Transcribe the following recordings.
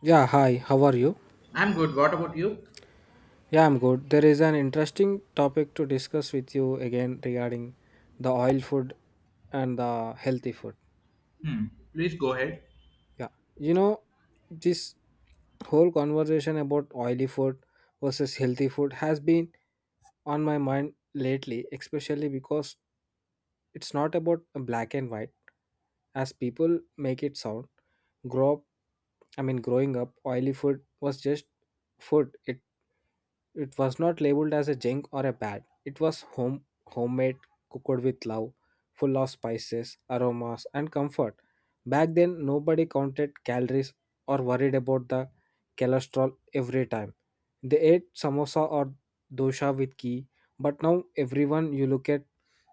Yeah, hi, how are you? I'm good. What about you? Yeah, I'm good. There is an interesting topic to discuss with you again regarding the oil food and the healthy food. Hmm. Please go ahead. Yeah, you know, this whole conversation about oily food versus healthy food has been on my mind lately, especially because it's not about a black and white as people make it sound. Grow up, I mean, growing up, oily food was just food. It was not labeled as a junk or a bad. It was homemade, cooked with love, full of spices, aromas, and comfort. Back then, nobody counted calories or worried about the cholesterol every time. They ate samosa or dosha with ghee, but now everyone you look at,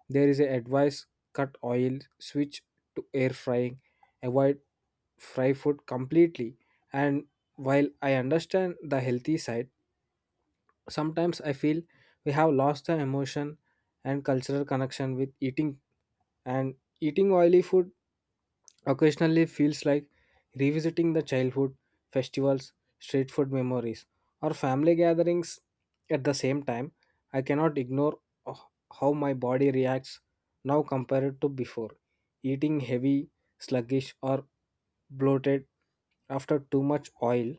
there is a advice, cut oil, switch to air frying, avoid fry food completely. And while I understand the healthy side, sometimes I feel we have lost the emotion and cultural connection with eating, and eating oily food occasionally feels like revisiting the childhood festivals, street food memories, or family gatherings. At the same time, I cannot ignore h- how my body reacts now compared to before. Eating heavy, sluggish, or bloated after too much oil,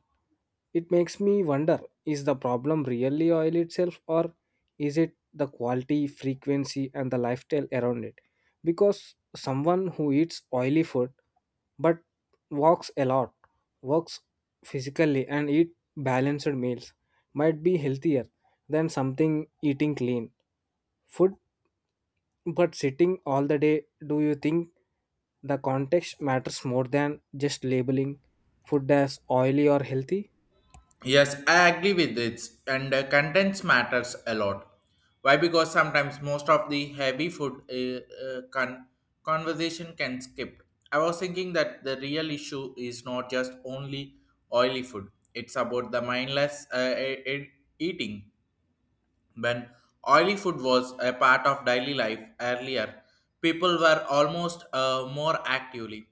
it makes me wonder, is the problem really oil itself, or is it the quality, frequency, and the lifestyle around it? Because someone who eats oily food but walks a lot, works physically, and eat balanced meals might be healthier than something eating clean food but sitting all the day. Do you think the context matters more than just labeling food as oily or healthy? Yes, I agree with it. And contents matters a lot. Why? Because sometimes most of the heavy food conversation can skip. I was thinking that the real issue is not just only oily food. It's about the mindless eating. When oily food was a part of daily life earlier, people were almost more actively.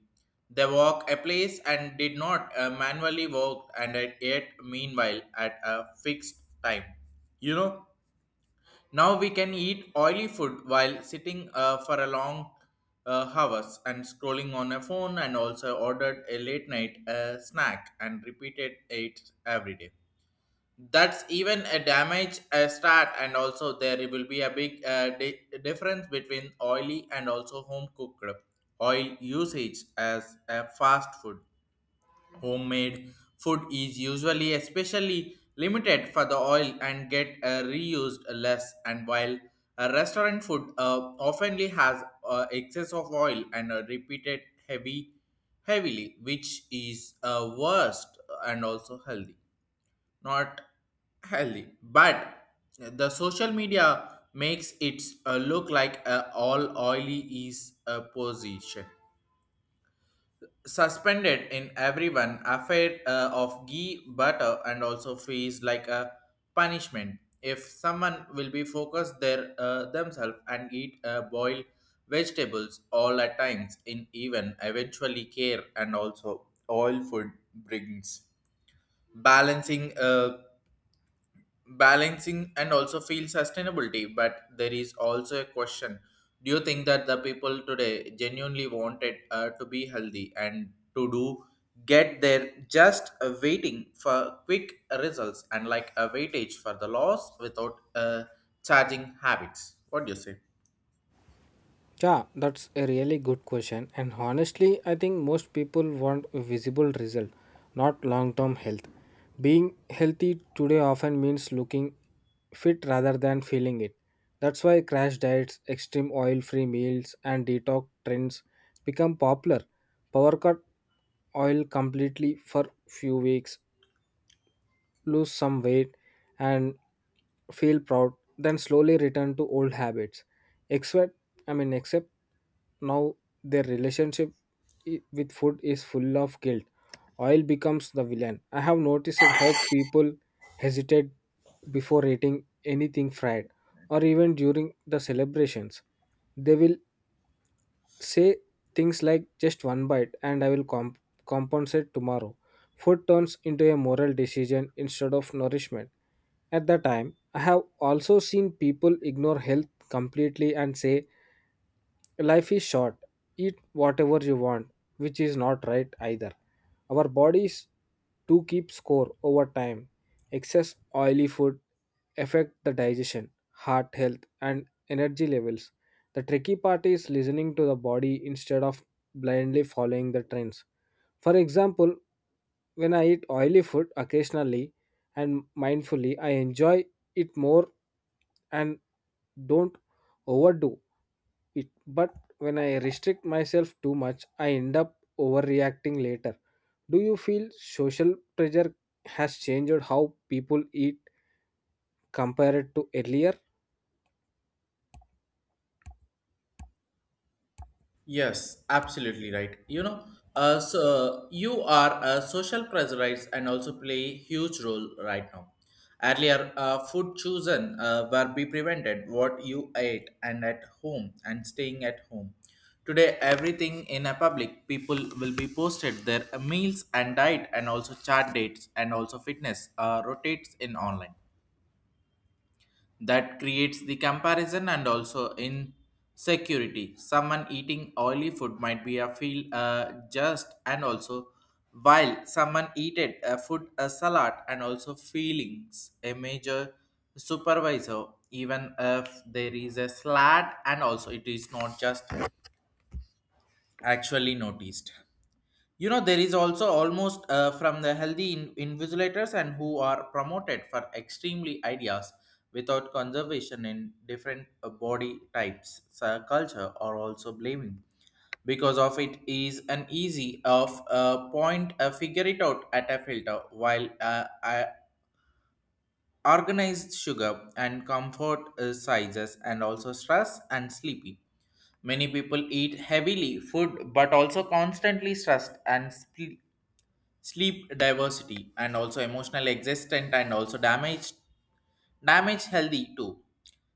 They walk a place and did not manually walk and ate meanwhile at a fixed time. You know, now we can eat oily food while sitting for a long hours and scrolling on a phone and also ordered a late night snack and repeated it every day. That's even a damage a start, and also there will be a big difference between oily and also home cooked oil usage. As a fast food, homemade food is usually especially limited for the oil and get reused less, and while a restaurant food oftenly has excess of oil and repeated heavy heavily, which is worst and also healthy not healthy. But the social media makes it look like a all oily is a position. Suspended in everyone, affair of ghee, butter, and also fees like a punishment. If someone will be focused their themselves and eat boiled vegetables all at times, in even eventually care and also oil food brings balancing. Balancing and also feel sustainability. But there is also a question, do you think that the people today genuinely wanted to be healthy and to do get there, just waiting for quick results and like a weightage for the loss without charging habits? What do you say? Yeah, that's a really good question. And honestly, I think most people want a visible result, not long term health. Being healthy today often means looking fit rather than feeling it. That's why crash diets, extreme oil free meals, and detox trends become popular. Power cut oil completely for few weeks, lose some weight and feel proud, then slowly return to old habits. Except, I mean, except now their relationship with food is full of guilt. Oil becomes the villain. I have noticed how people hesitate before eating anything fried or even during the celebrations. They will say things like, just one bite and I will compensate tomorrow. Food turns into a moral decision instead of nourishment. At the time, I have also seen people ignore health completely and say, life is short, eat whatever you want, which is not right either. Our bodies do keep score over time. Excess oily food affect the digestion, heart health, and energy levels. The tricky part is listening to the body instead of blindly following the trends. For example, when I eat oily food occasionally and mindfully, I enjoy it more and don't overdo it, but when I restrict myself too much I end up overreacting later. Do you feel social pressure has changed how people eat compared to earlier? Yes, absolutely right. You know, so you are a social pressurize and also play huge role right now. Earlier, food chosen were be prevented what you ate and at home and staying at home. Today, everything in a public people will be posted their meals and diet and also chart dates and also fitness rotates in online. That creates the comparison and also insecurity. Someone eating oily food might be a feel just, and also while someone eated a food a salad and also feelings a major supervisor, even if there is a slat and also it is not just actually noticed. You know, there is also almost from the healthy invigilators and who are promoted for extremely ideas without conservation in different body types. So culture are also blaming because of it is an easy of point figure it out at a filter, while organized sugar and comfort sizes and also stress and sleepy. Many people eat heavily food but also constantly stressed and sleep diversity and also emotional existent and also damage healthy too,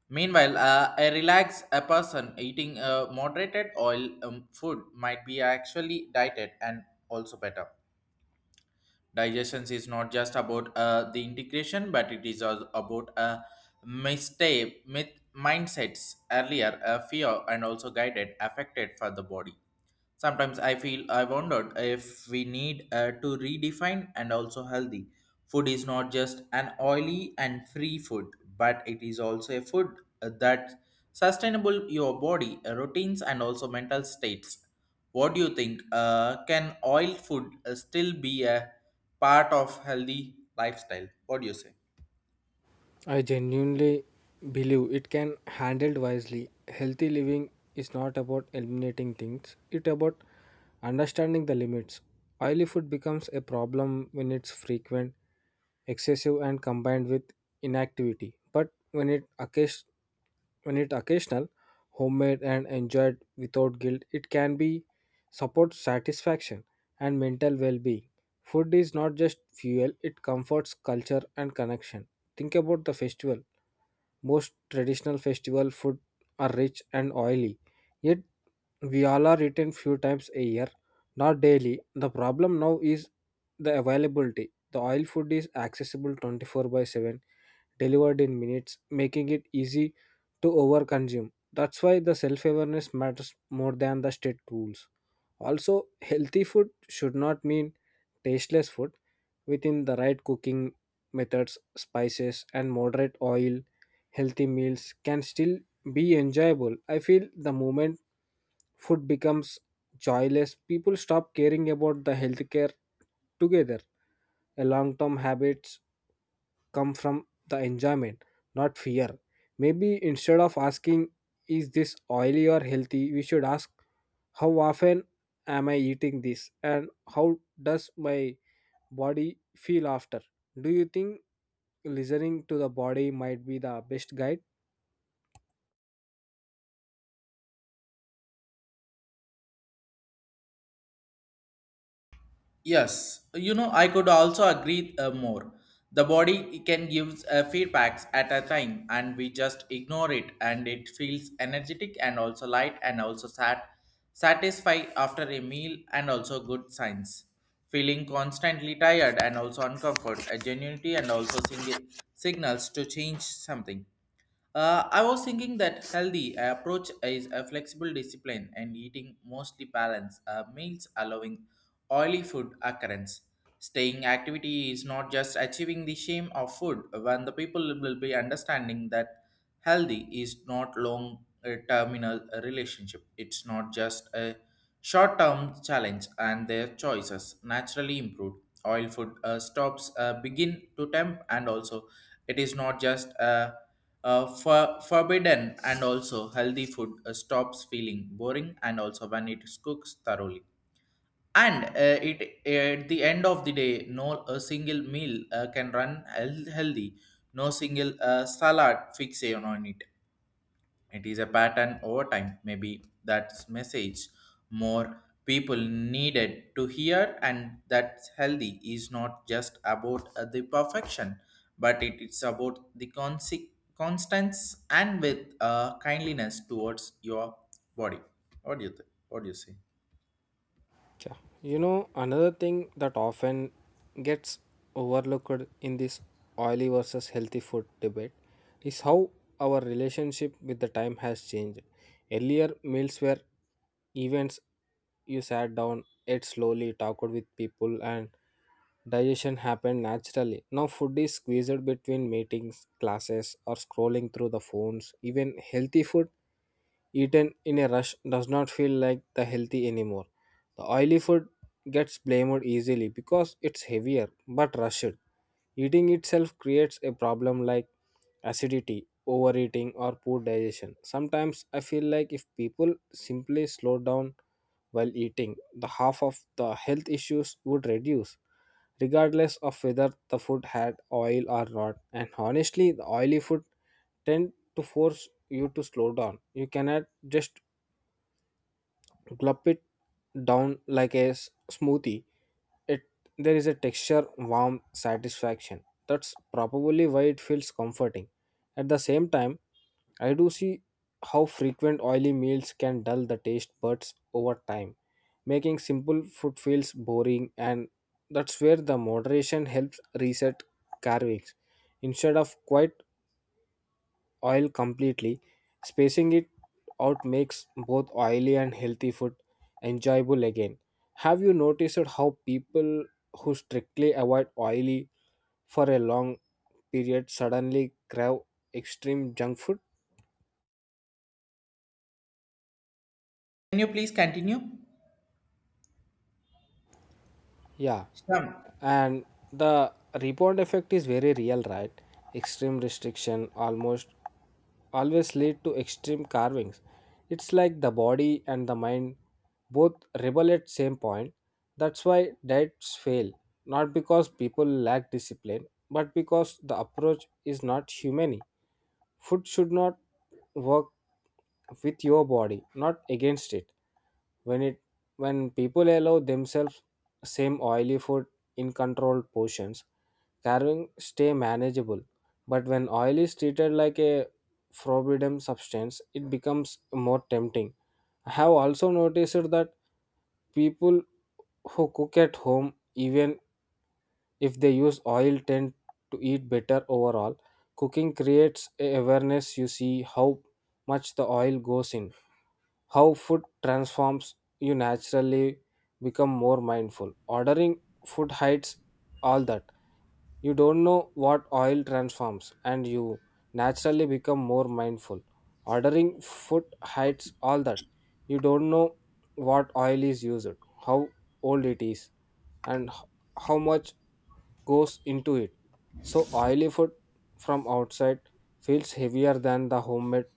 meanwhile a relaxed a person eating a moderated oil food might be actually dieted and also better. Digestion is not just about the integration, but it is also about a mistake myth mindsets. Earlier fear and also guided affected for the body. Sometimes I feel I wondered if we need to redefine and also healthy. Food is not just an oily and free food, but it is also a food that sustainable your body, routines, and also mental states. What do you think? Can oil food still be a part of healthy lifestyle? What do you say? I genuinely believe it can handled wisely. Healthy living is not about eliminating things, it's about understanding the limits. Oily food becomes a problem when it's frequent, excessive, and combined with inactivity. But when it occasional, homemade and enjoyed without guilt, it can be support satisfaction and mental well-being. Food is not just fuel, it comforts culture and connection. Think about the festival. Most traditional festival food are rich and oily, yet we all are eaten few times a year, not daily. The problem now is the availability. The oil food is accessible 24/7, delivered in minutes, making it easy to overconsume. That's why the self awareness matters more than the state rules. Also, healthy food should not mean tasteless food. Within the right cooking methods, spices, and moderate oil, healthy meals can still be enjoyable. I feel the moment food becomes joyless, people stop caring about the healthcare together. A long term habits come from the enjoyment, not fear. Maybe instead of asking, is this oily or healthy, we should ask, how often am I eating this, and how does my body feel after? Do you think listening to the body might be the best guide? Yes, you know, I could also agree more. The body can give feedbacks at a time, and we just ignore it, and it feels energetic and also light and also satisfied after a meal, and also good signs. Feeling constantly tired and also uncomfort, a genuinity, and also signals to change something. I was thinking that healthy approach is a flexible discipline and eating mostly balanced meals, allowing oily food occurrence. Staying activity is not just achieving the shame of food. When the people will be understanding that healthy is not long terminal relationship, it's not just a short term challenge, and their choices naturally improve. Oil food stops begin to tempt, and also it is not just a forbidden, and also healthy food stops feeling boring, and also when it cooks thoroughly and it at the end of the day no a single meal can run healthy, no single salad fixation on it, it is a pattern over time. Maybe that's message more people needed to hear, and that's healthy is not just about the perfection, but it is about the constance and with kindliness towards your body. What do you think? What do you say? Yeah. Another thing that often gets overlooked in this oily versus healthy food debate is how our relationship with the time has changed. Earlier, meals were events. You sat down, ate slowly, talked with people, and digestion happened naturally. Now, food is squeezed between meetings, classes, or scrolling through the phones. Even healthy food eaten in a rush does not feel like the healthy anymore. The oily food gets blamed easily because it's heavier but rushed. Eating itself creates a problem like acidity, overeating, or poor digestion. Sometimes I feel like if people simply slow down while eating, the half of the health issues would reduce, regardless of whether the food had oil or not. And honestly, the oily food tend to force you to slow down. You cannot just gulp it down like a smoothie. It, there is a texture, warmth, satisfaction. That's probably why it feels comforting. At the same time, I do see how frequent oily meals can dull the taste buds over time, making simple food feels boring, and that's where the moderation helps reset cravings instead of quite oil completely. Spacing it out makes both oily and healthy food enjoyable again. Have you noticed how people who strictly avoid oily for a long period suddenly crave extreme junk food? Can you please continue? Yeah, Shyam. and the rebound effect is very real, right? Extreme restriction almost always lead to extreme carvings. It's like the body and the mind both rebel at same point. That's why diets fail, not because people lack discipline but because the approach is not humane. Food should not work with your body, not against it. When it when people allow themselves same oily food in controlled portions, carving stay manageable, but when oil is treated like a forbidden substance, it becomes more tempting. I have also noticed that people who cook at home, even if they use oil, tend to eat better overall. Cooking creates a awareness. You see how much the oil goes in, how food transforms. You naturally become more mindful. Ordering food hides all that. You don't know what oil transforms, and you naturally become more mindful. Ordering food hides all that. You don't know what oil is used, how old it is, and how much goes into it. So oily food from outside feels heavier than the homemade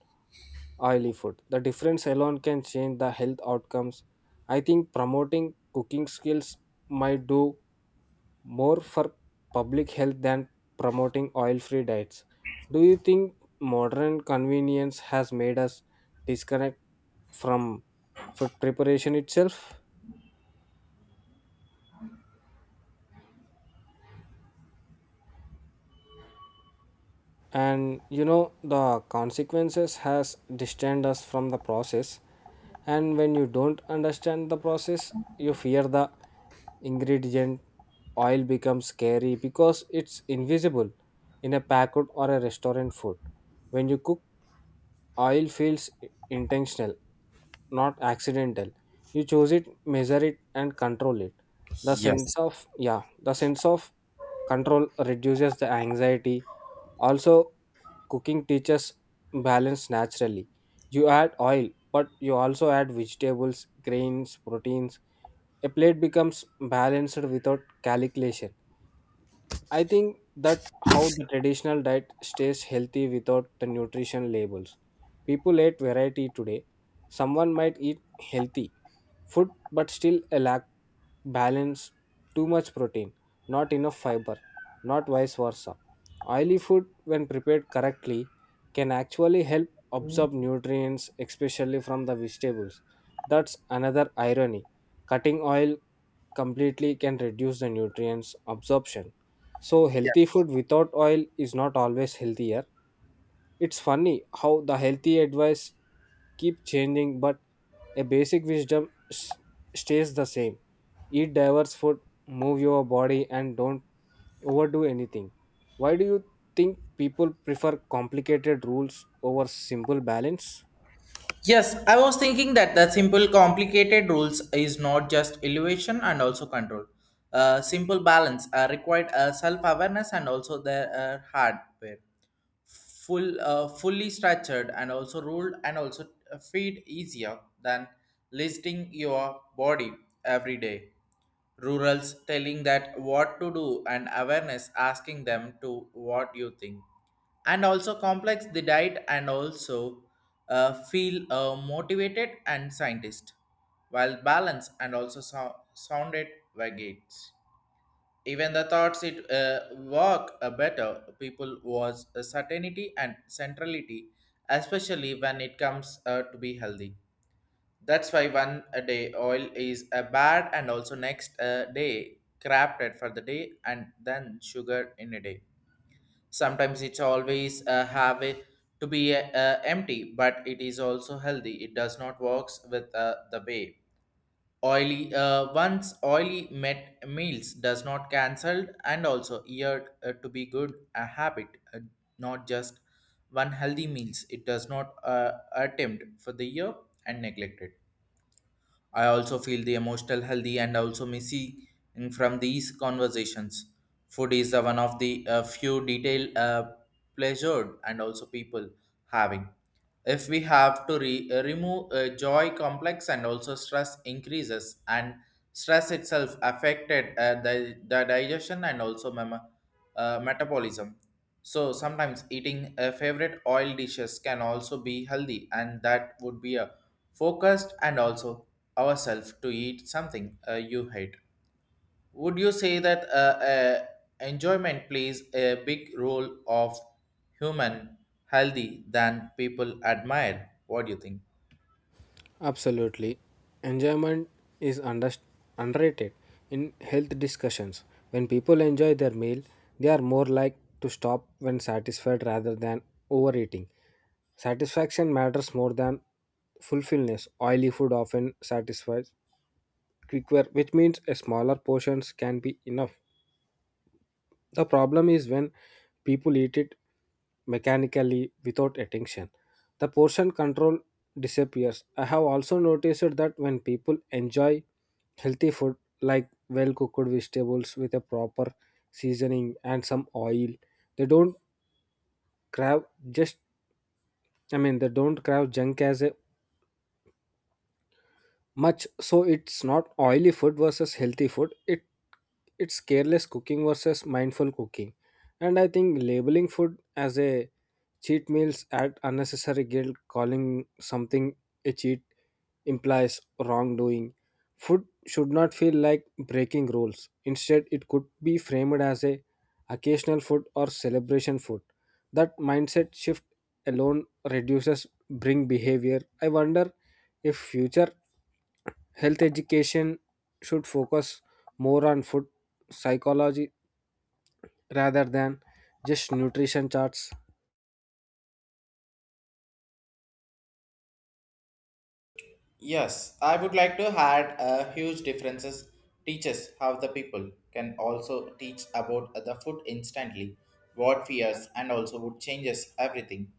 oily food. The difference alone can change the health outcomes. I think promoting cooking skills might do more for public health than promoting oil free diets. Do you think modern convenience has made us disconnect from food preparation itself? And the consequences has distanced us from the process, and when you don't understand the process, you fear the ingredient. Oil becomes scary because it's invisible in a packet or a restaurant food. When you cook, oil feels intentional, not accidental. You choose it, measure it, and control it. The sense Yes. of yeah, the sense of control reduces the anxiety. Also, cooking teaches balance naturally. You add oil, but you also add vegetables, grains, proteins. A plate becomes balanced without calculation. I think that how the traditional diet stays healthy without the nutrition labels. People eat variety today. Someone might eat healthy food but still a lack balance, too much protein, not enough fiber, not vice versa. Oily food when prepared correctly can actually help absorb nutrients, especially from the vegetables. That's another irony. Cutting oil completely can reduce the nutrients absorption, so healthy food without oil is not always healthier. It's funny how the healthy advice keep changing, but a basic wisdom stays the same. Eat diverse food, move your body, and don't overdo anything. Why do you think people prefer complicated rules over simple balance? Yes, I was thinking that the simple complicated rules is not just elevation and also control. Simple balance required self-awareness and also the hardware. Fully structured and also ruled and also feed easier than listing your body every day. Rurals telling that what to do and awareness asking them to what you think, and also complex the diet and also feel motivated and scientist, while balance and also sounded vagates. Even the thoughts it work better people was a certainty and centrality, especially when it comes to be healthy. That's why one a day oil is a bad and also next day crafted for the day and then sugar in a day. Sometimes it's always have it to be empty but it is also healthy. It does not works with the way. Oily once oily met meals does not cancelled and also year to be good a habit. uh, not just one healthy meals, it does not attempt for the year and neglected. I also feel the emotional healthy and also missing from these conversations. Food is the one of the few detail pleasured and also people having. If we have to remove joy complex and also stress increases and stress itself affected the digestion and also metabolism. So sometimes eating a favorite oil dishes can also be healthy, and that would be a focused and also ourselves to eat something you hate. Would you say that enjoyment plays a big role of human healthy than people admire? What do you think? Absolutely. Enjoyment is underrated in health discussions. When people enjoy their meal, they are more likely to stop when satisfied rather than overeating. Satisfaction matters more than fulfillment. Oily food often satisfies quicker, which means a smaller portions can be enough. The problem is when people eat it mechanically without attention. The portion control disappears. I have also noticed that when people enjoy healthy food like well cooked vegetables with a proper seasoning and some oil, they don't crave just I mean they don't crave junk as a much. So it's not oily food versus healthy food, it's careless cooking versus mindful cooking. And I think labeling food as a cheat meals add unnecessary guilt. Calling something a cheat implies wrongdoing. Food should not feel like breaking rules. Instead, it could be framed as a occasional food or celebration food. That mindset shift alone reduces bring behavior. I wonder if future health education should focus more on food psychology rather than just nutrition charts. Yes, I would like to add a huge differences, teaches how the people can also teach about the food instantly, what fears and also what changes everything.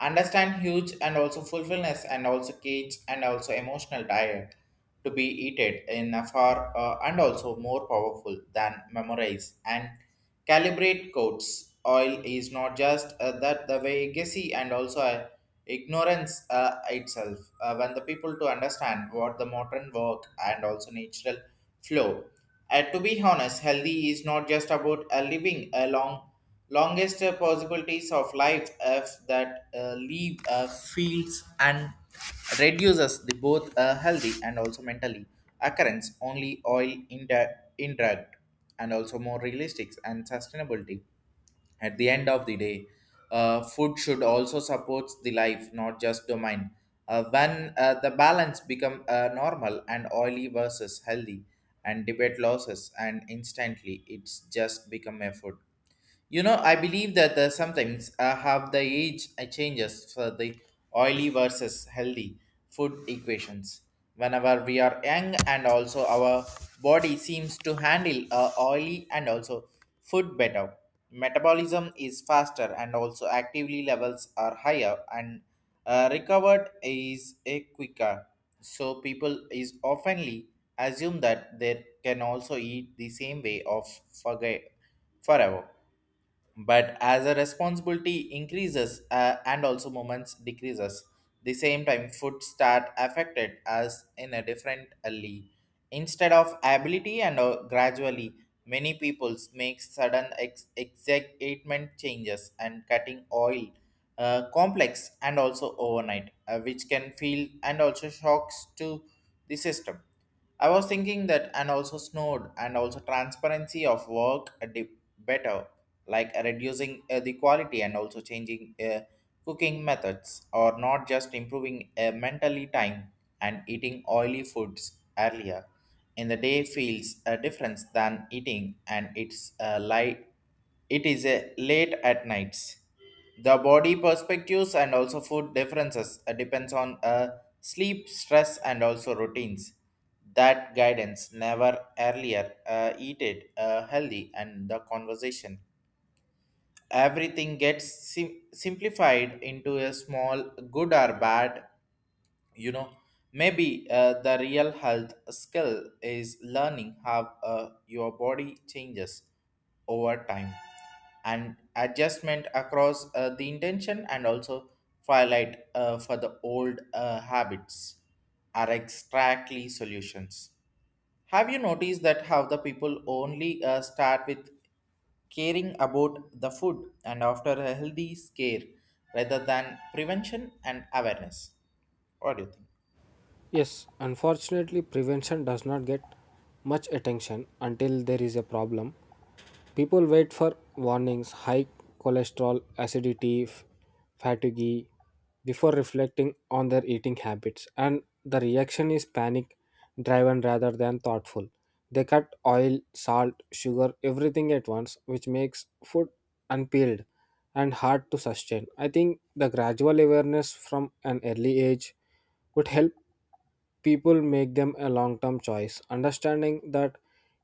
Understand huge and also fulfillness and also cage and also emotional diet to be eaten in a far and also more powerful than memorize and calibrate codes. Oil is not just that the way gassy and also a ignorance itself when the people to understand what the modern work and also natural flow. To be honest, healthy is not just about living a longest possibilities of life. If that leave feels and reduces the both healthy and also mentally occurrence only oil indirect and also more realistic and sustainability. At the end of the day, food should also support the life, not just domain. When the balance become normal and oily versus healthy and debate losses and instantly it's just become a food. You know, I believe that sometimes have the age changes for the oily versus healthy food equations. Whenever we are young, and also our body seems to handle oily and also food better. Metabolism is faster, and also actively levels are higher, and recovered is a quicker. So people is oftenly assume that they can also eat the same way of forget forever. But as a responsibility increases and also moments decreases, the same time food start affected as in a different alley instead of ability, and gradually many peoples make sudden excitement changes and cutting oil complex and also overnight, which can feel and also shocks to the system. I was thinking that and also snowed and also transparency of work a dip better, like reducing the quality and also changing cooking methods or not just improving mentally time. And eating oily foods earlier in the day feels a difference than eating and it's light it is a late at nights. The body perspectives and also food differences depends on sleep stress and also routines. That guidance never earlier eat it healthy and the conversation, everything gets simplified into a small good or bad. You know, maybe the real health skill is learning how your body changes over time and adjustment across the intention and also twilight for the old habits are exactly solutions. Have you noticed that how the people only start with caring about the food and after a healthy scare rather than prevention and awareness? What do you think? Yes, unfortunately, prevention does not get much attention until there is a problem. People wait for warnings, high cholesterol, acidity, fatigue, before reflecting on their eating habits, and the reaction is panic driven rather than thoughtful. They cut oil, salt, sugar, everything at once, which makes food unpeeled and hard to sustain. I think the gradual awareness from an early age could help people make them a long term choice. Understanding that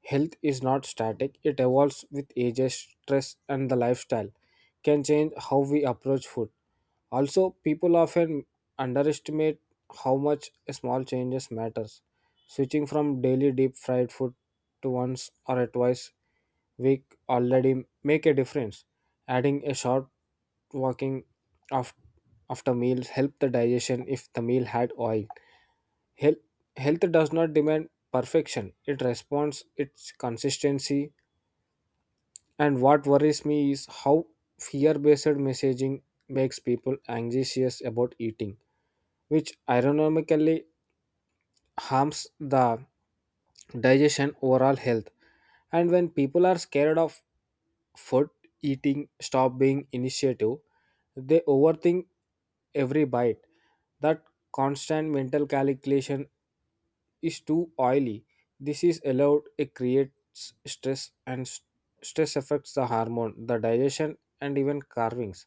health is not static, it evolves with ages, stress, and the lifestyle, can change how we approach food. Also, people often underestimate how much a small changes matters. Switching from daily deep fried food to once or a twice week already make a difference. Adding a short walking af- after meals help the digestion if the meal had oil. Health, Health does not demand perfection, it responds its consistency. And what worries me is how fear based messaging makes people anxious about eating, which ironically harms the digestion overall health. And when people are scared of food, eating stop being initiative. They overthink every bite. That constant mental calculation, is too oily, this is allowed, it creates stress. And stress affects the hormone, the digestion, and even carvings.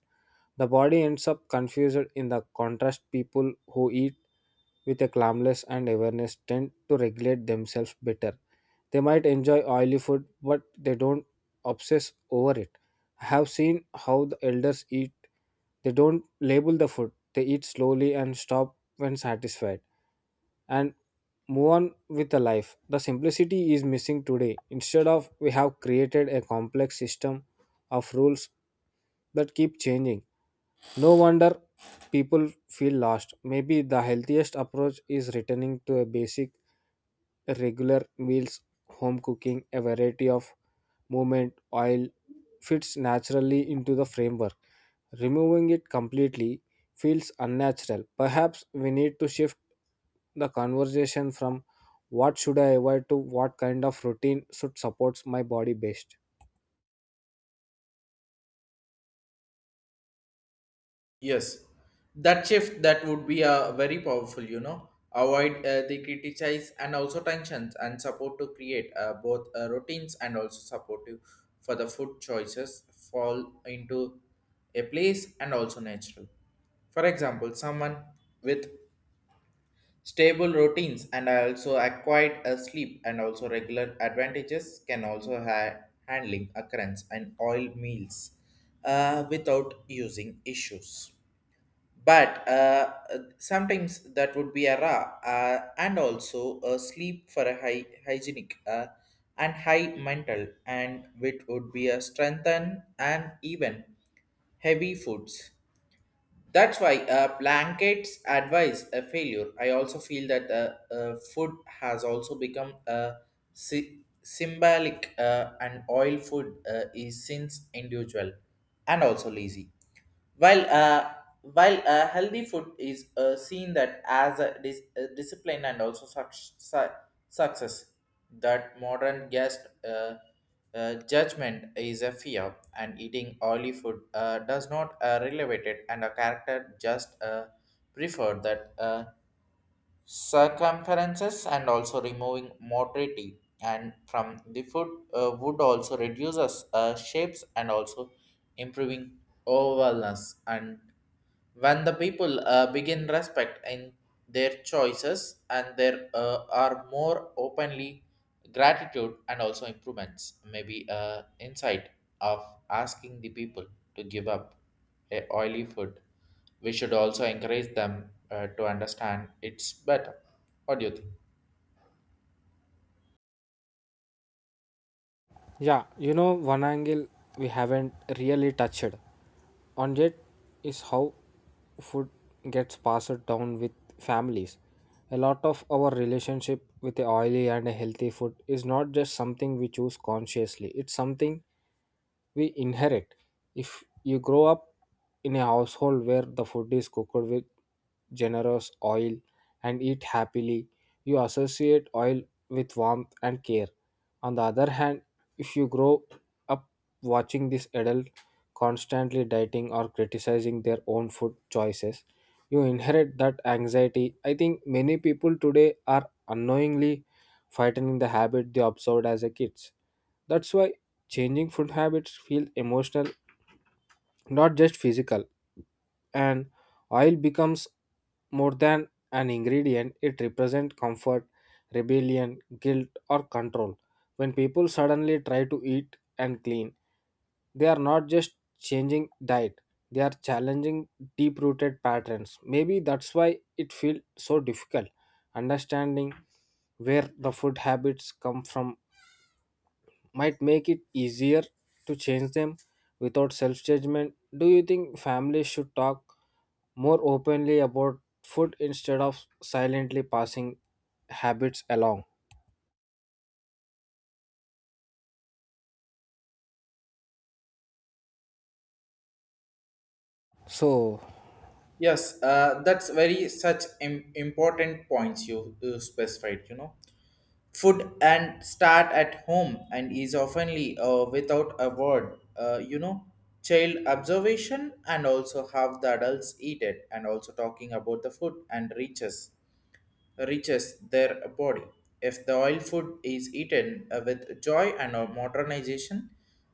The body ends up confused. In the contrast, people who eat with a calmness and awareness tend to regulate themselves better. They might enjoy oily food but they don't obsess over it. I have seen how the elders eat. They don't label the food, they eat slowly and stop when satisfied and move on with the life. The simplicity is missing today. Instead of, we have created a complex system of rules that keep changing. No wonder people feel lost. Maybe the healthiest approach is returning to a basic regular meals, home cooking, a variety of movement. Oil fits naturally into the framework. Removing it completely feels unnatural. Perhaps we need to shift the conversation from what should I avoid, to what kind of routine should support my body best. Yes, that shift that would be a very powerful. You know, avoid the criticize and also tensions and support to create both routines and also supportive for the food choices fall into a place and also natural. For example, someone with stable routines and also acquired a sleep and also regular advantages can also have handling occurrence and oil meals without using issues. But sometimes that would be a raw and also a sleep for a high hygienic and high mental and which would be a strengthen and even heavy foods. That's why blankets advise a failure. I also feel that food has also become symbolic and oil food is since individual and also lazy. While uh, while healthy food is seen that as a, a discipline and also success, that modern guest judgment is a fear, and eating oily food does not relevate it, and a character just prefer that. Circumferences and also removing mortality and from the food wood also reduces shapes and also improving overallness. And when the people begin respect in their choices and there are more openly gratitude and also improvements, maybe insight of asking the people to give up a oily food, we should also encourage them to understand it's better. What do you think? Yeah, one angle we haven't really touched on yet is how food gets passed down with families. A lot of our relationship with a oily and a healthy food is not just something we choose consciously, it's something we inherit. If you grow up in a household where the food is cooked with generous oil and eat happily, you associate oil with warmth and care. On the other hand, if you grow up watching this adult constantly dieting or criticizing their own food choices, you inherit that anxiety. I think many people today are unknowingly fighting the habit they observed as a kids. That's why changing food habits feel emotional, not just physical. And oil becomes more than an ingredient, it represents comfort, rebellion, guilt, or control. When people suddenly try to eat and clean, they are not just changing diet, they are challenging deep rooted patterns. Maybe that's why it feels so difficult. Understanding where the food habits come from might make it easier to change them without self judgment. Do you think families should talk more openly about food instead of silently passing habits along? So, Yes, that's very such important points you, you specified, you know. Food and start at home and is oftenly without a word, you know, child observation and also have the adults eat it and also talking about the food and reaches their body. If the oil food is eaten with joy and modernization,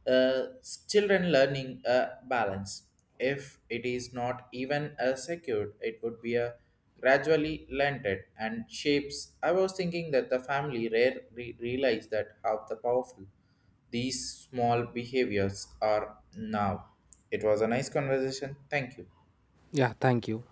uh, children learning a balance. If it is not even secured, it would be a gradually blended and shapes. I was thinking that the family rarely realize that how the powerful these small behaviors are now. It was a nice conversation. Thank you. yeah, thank you.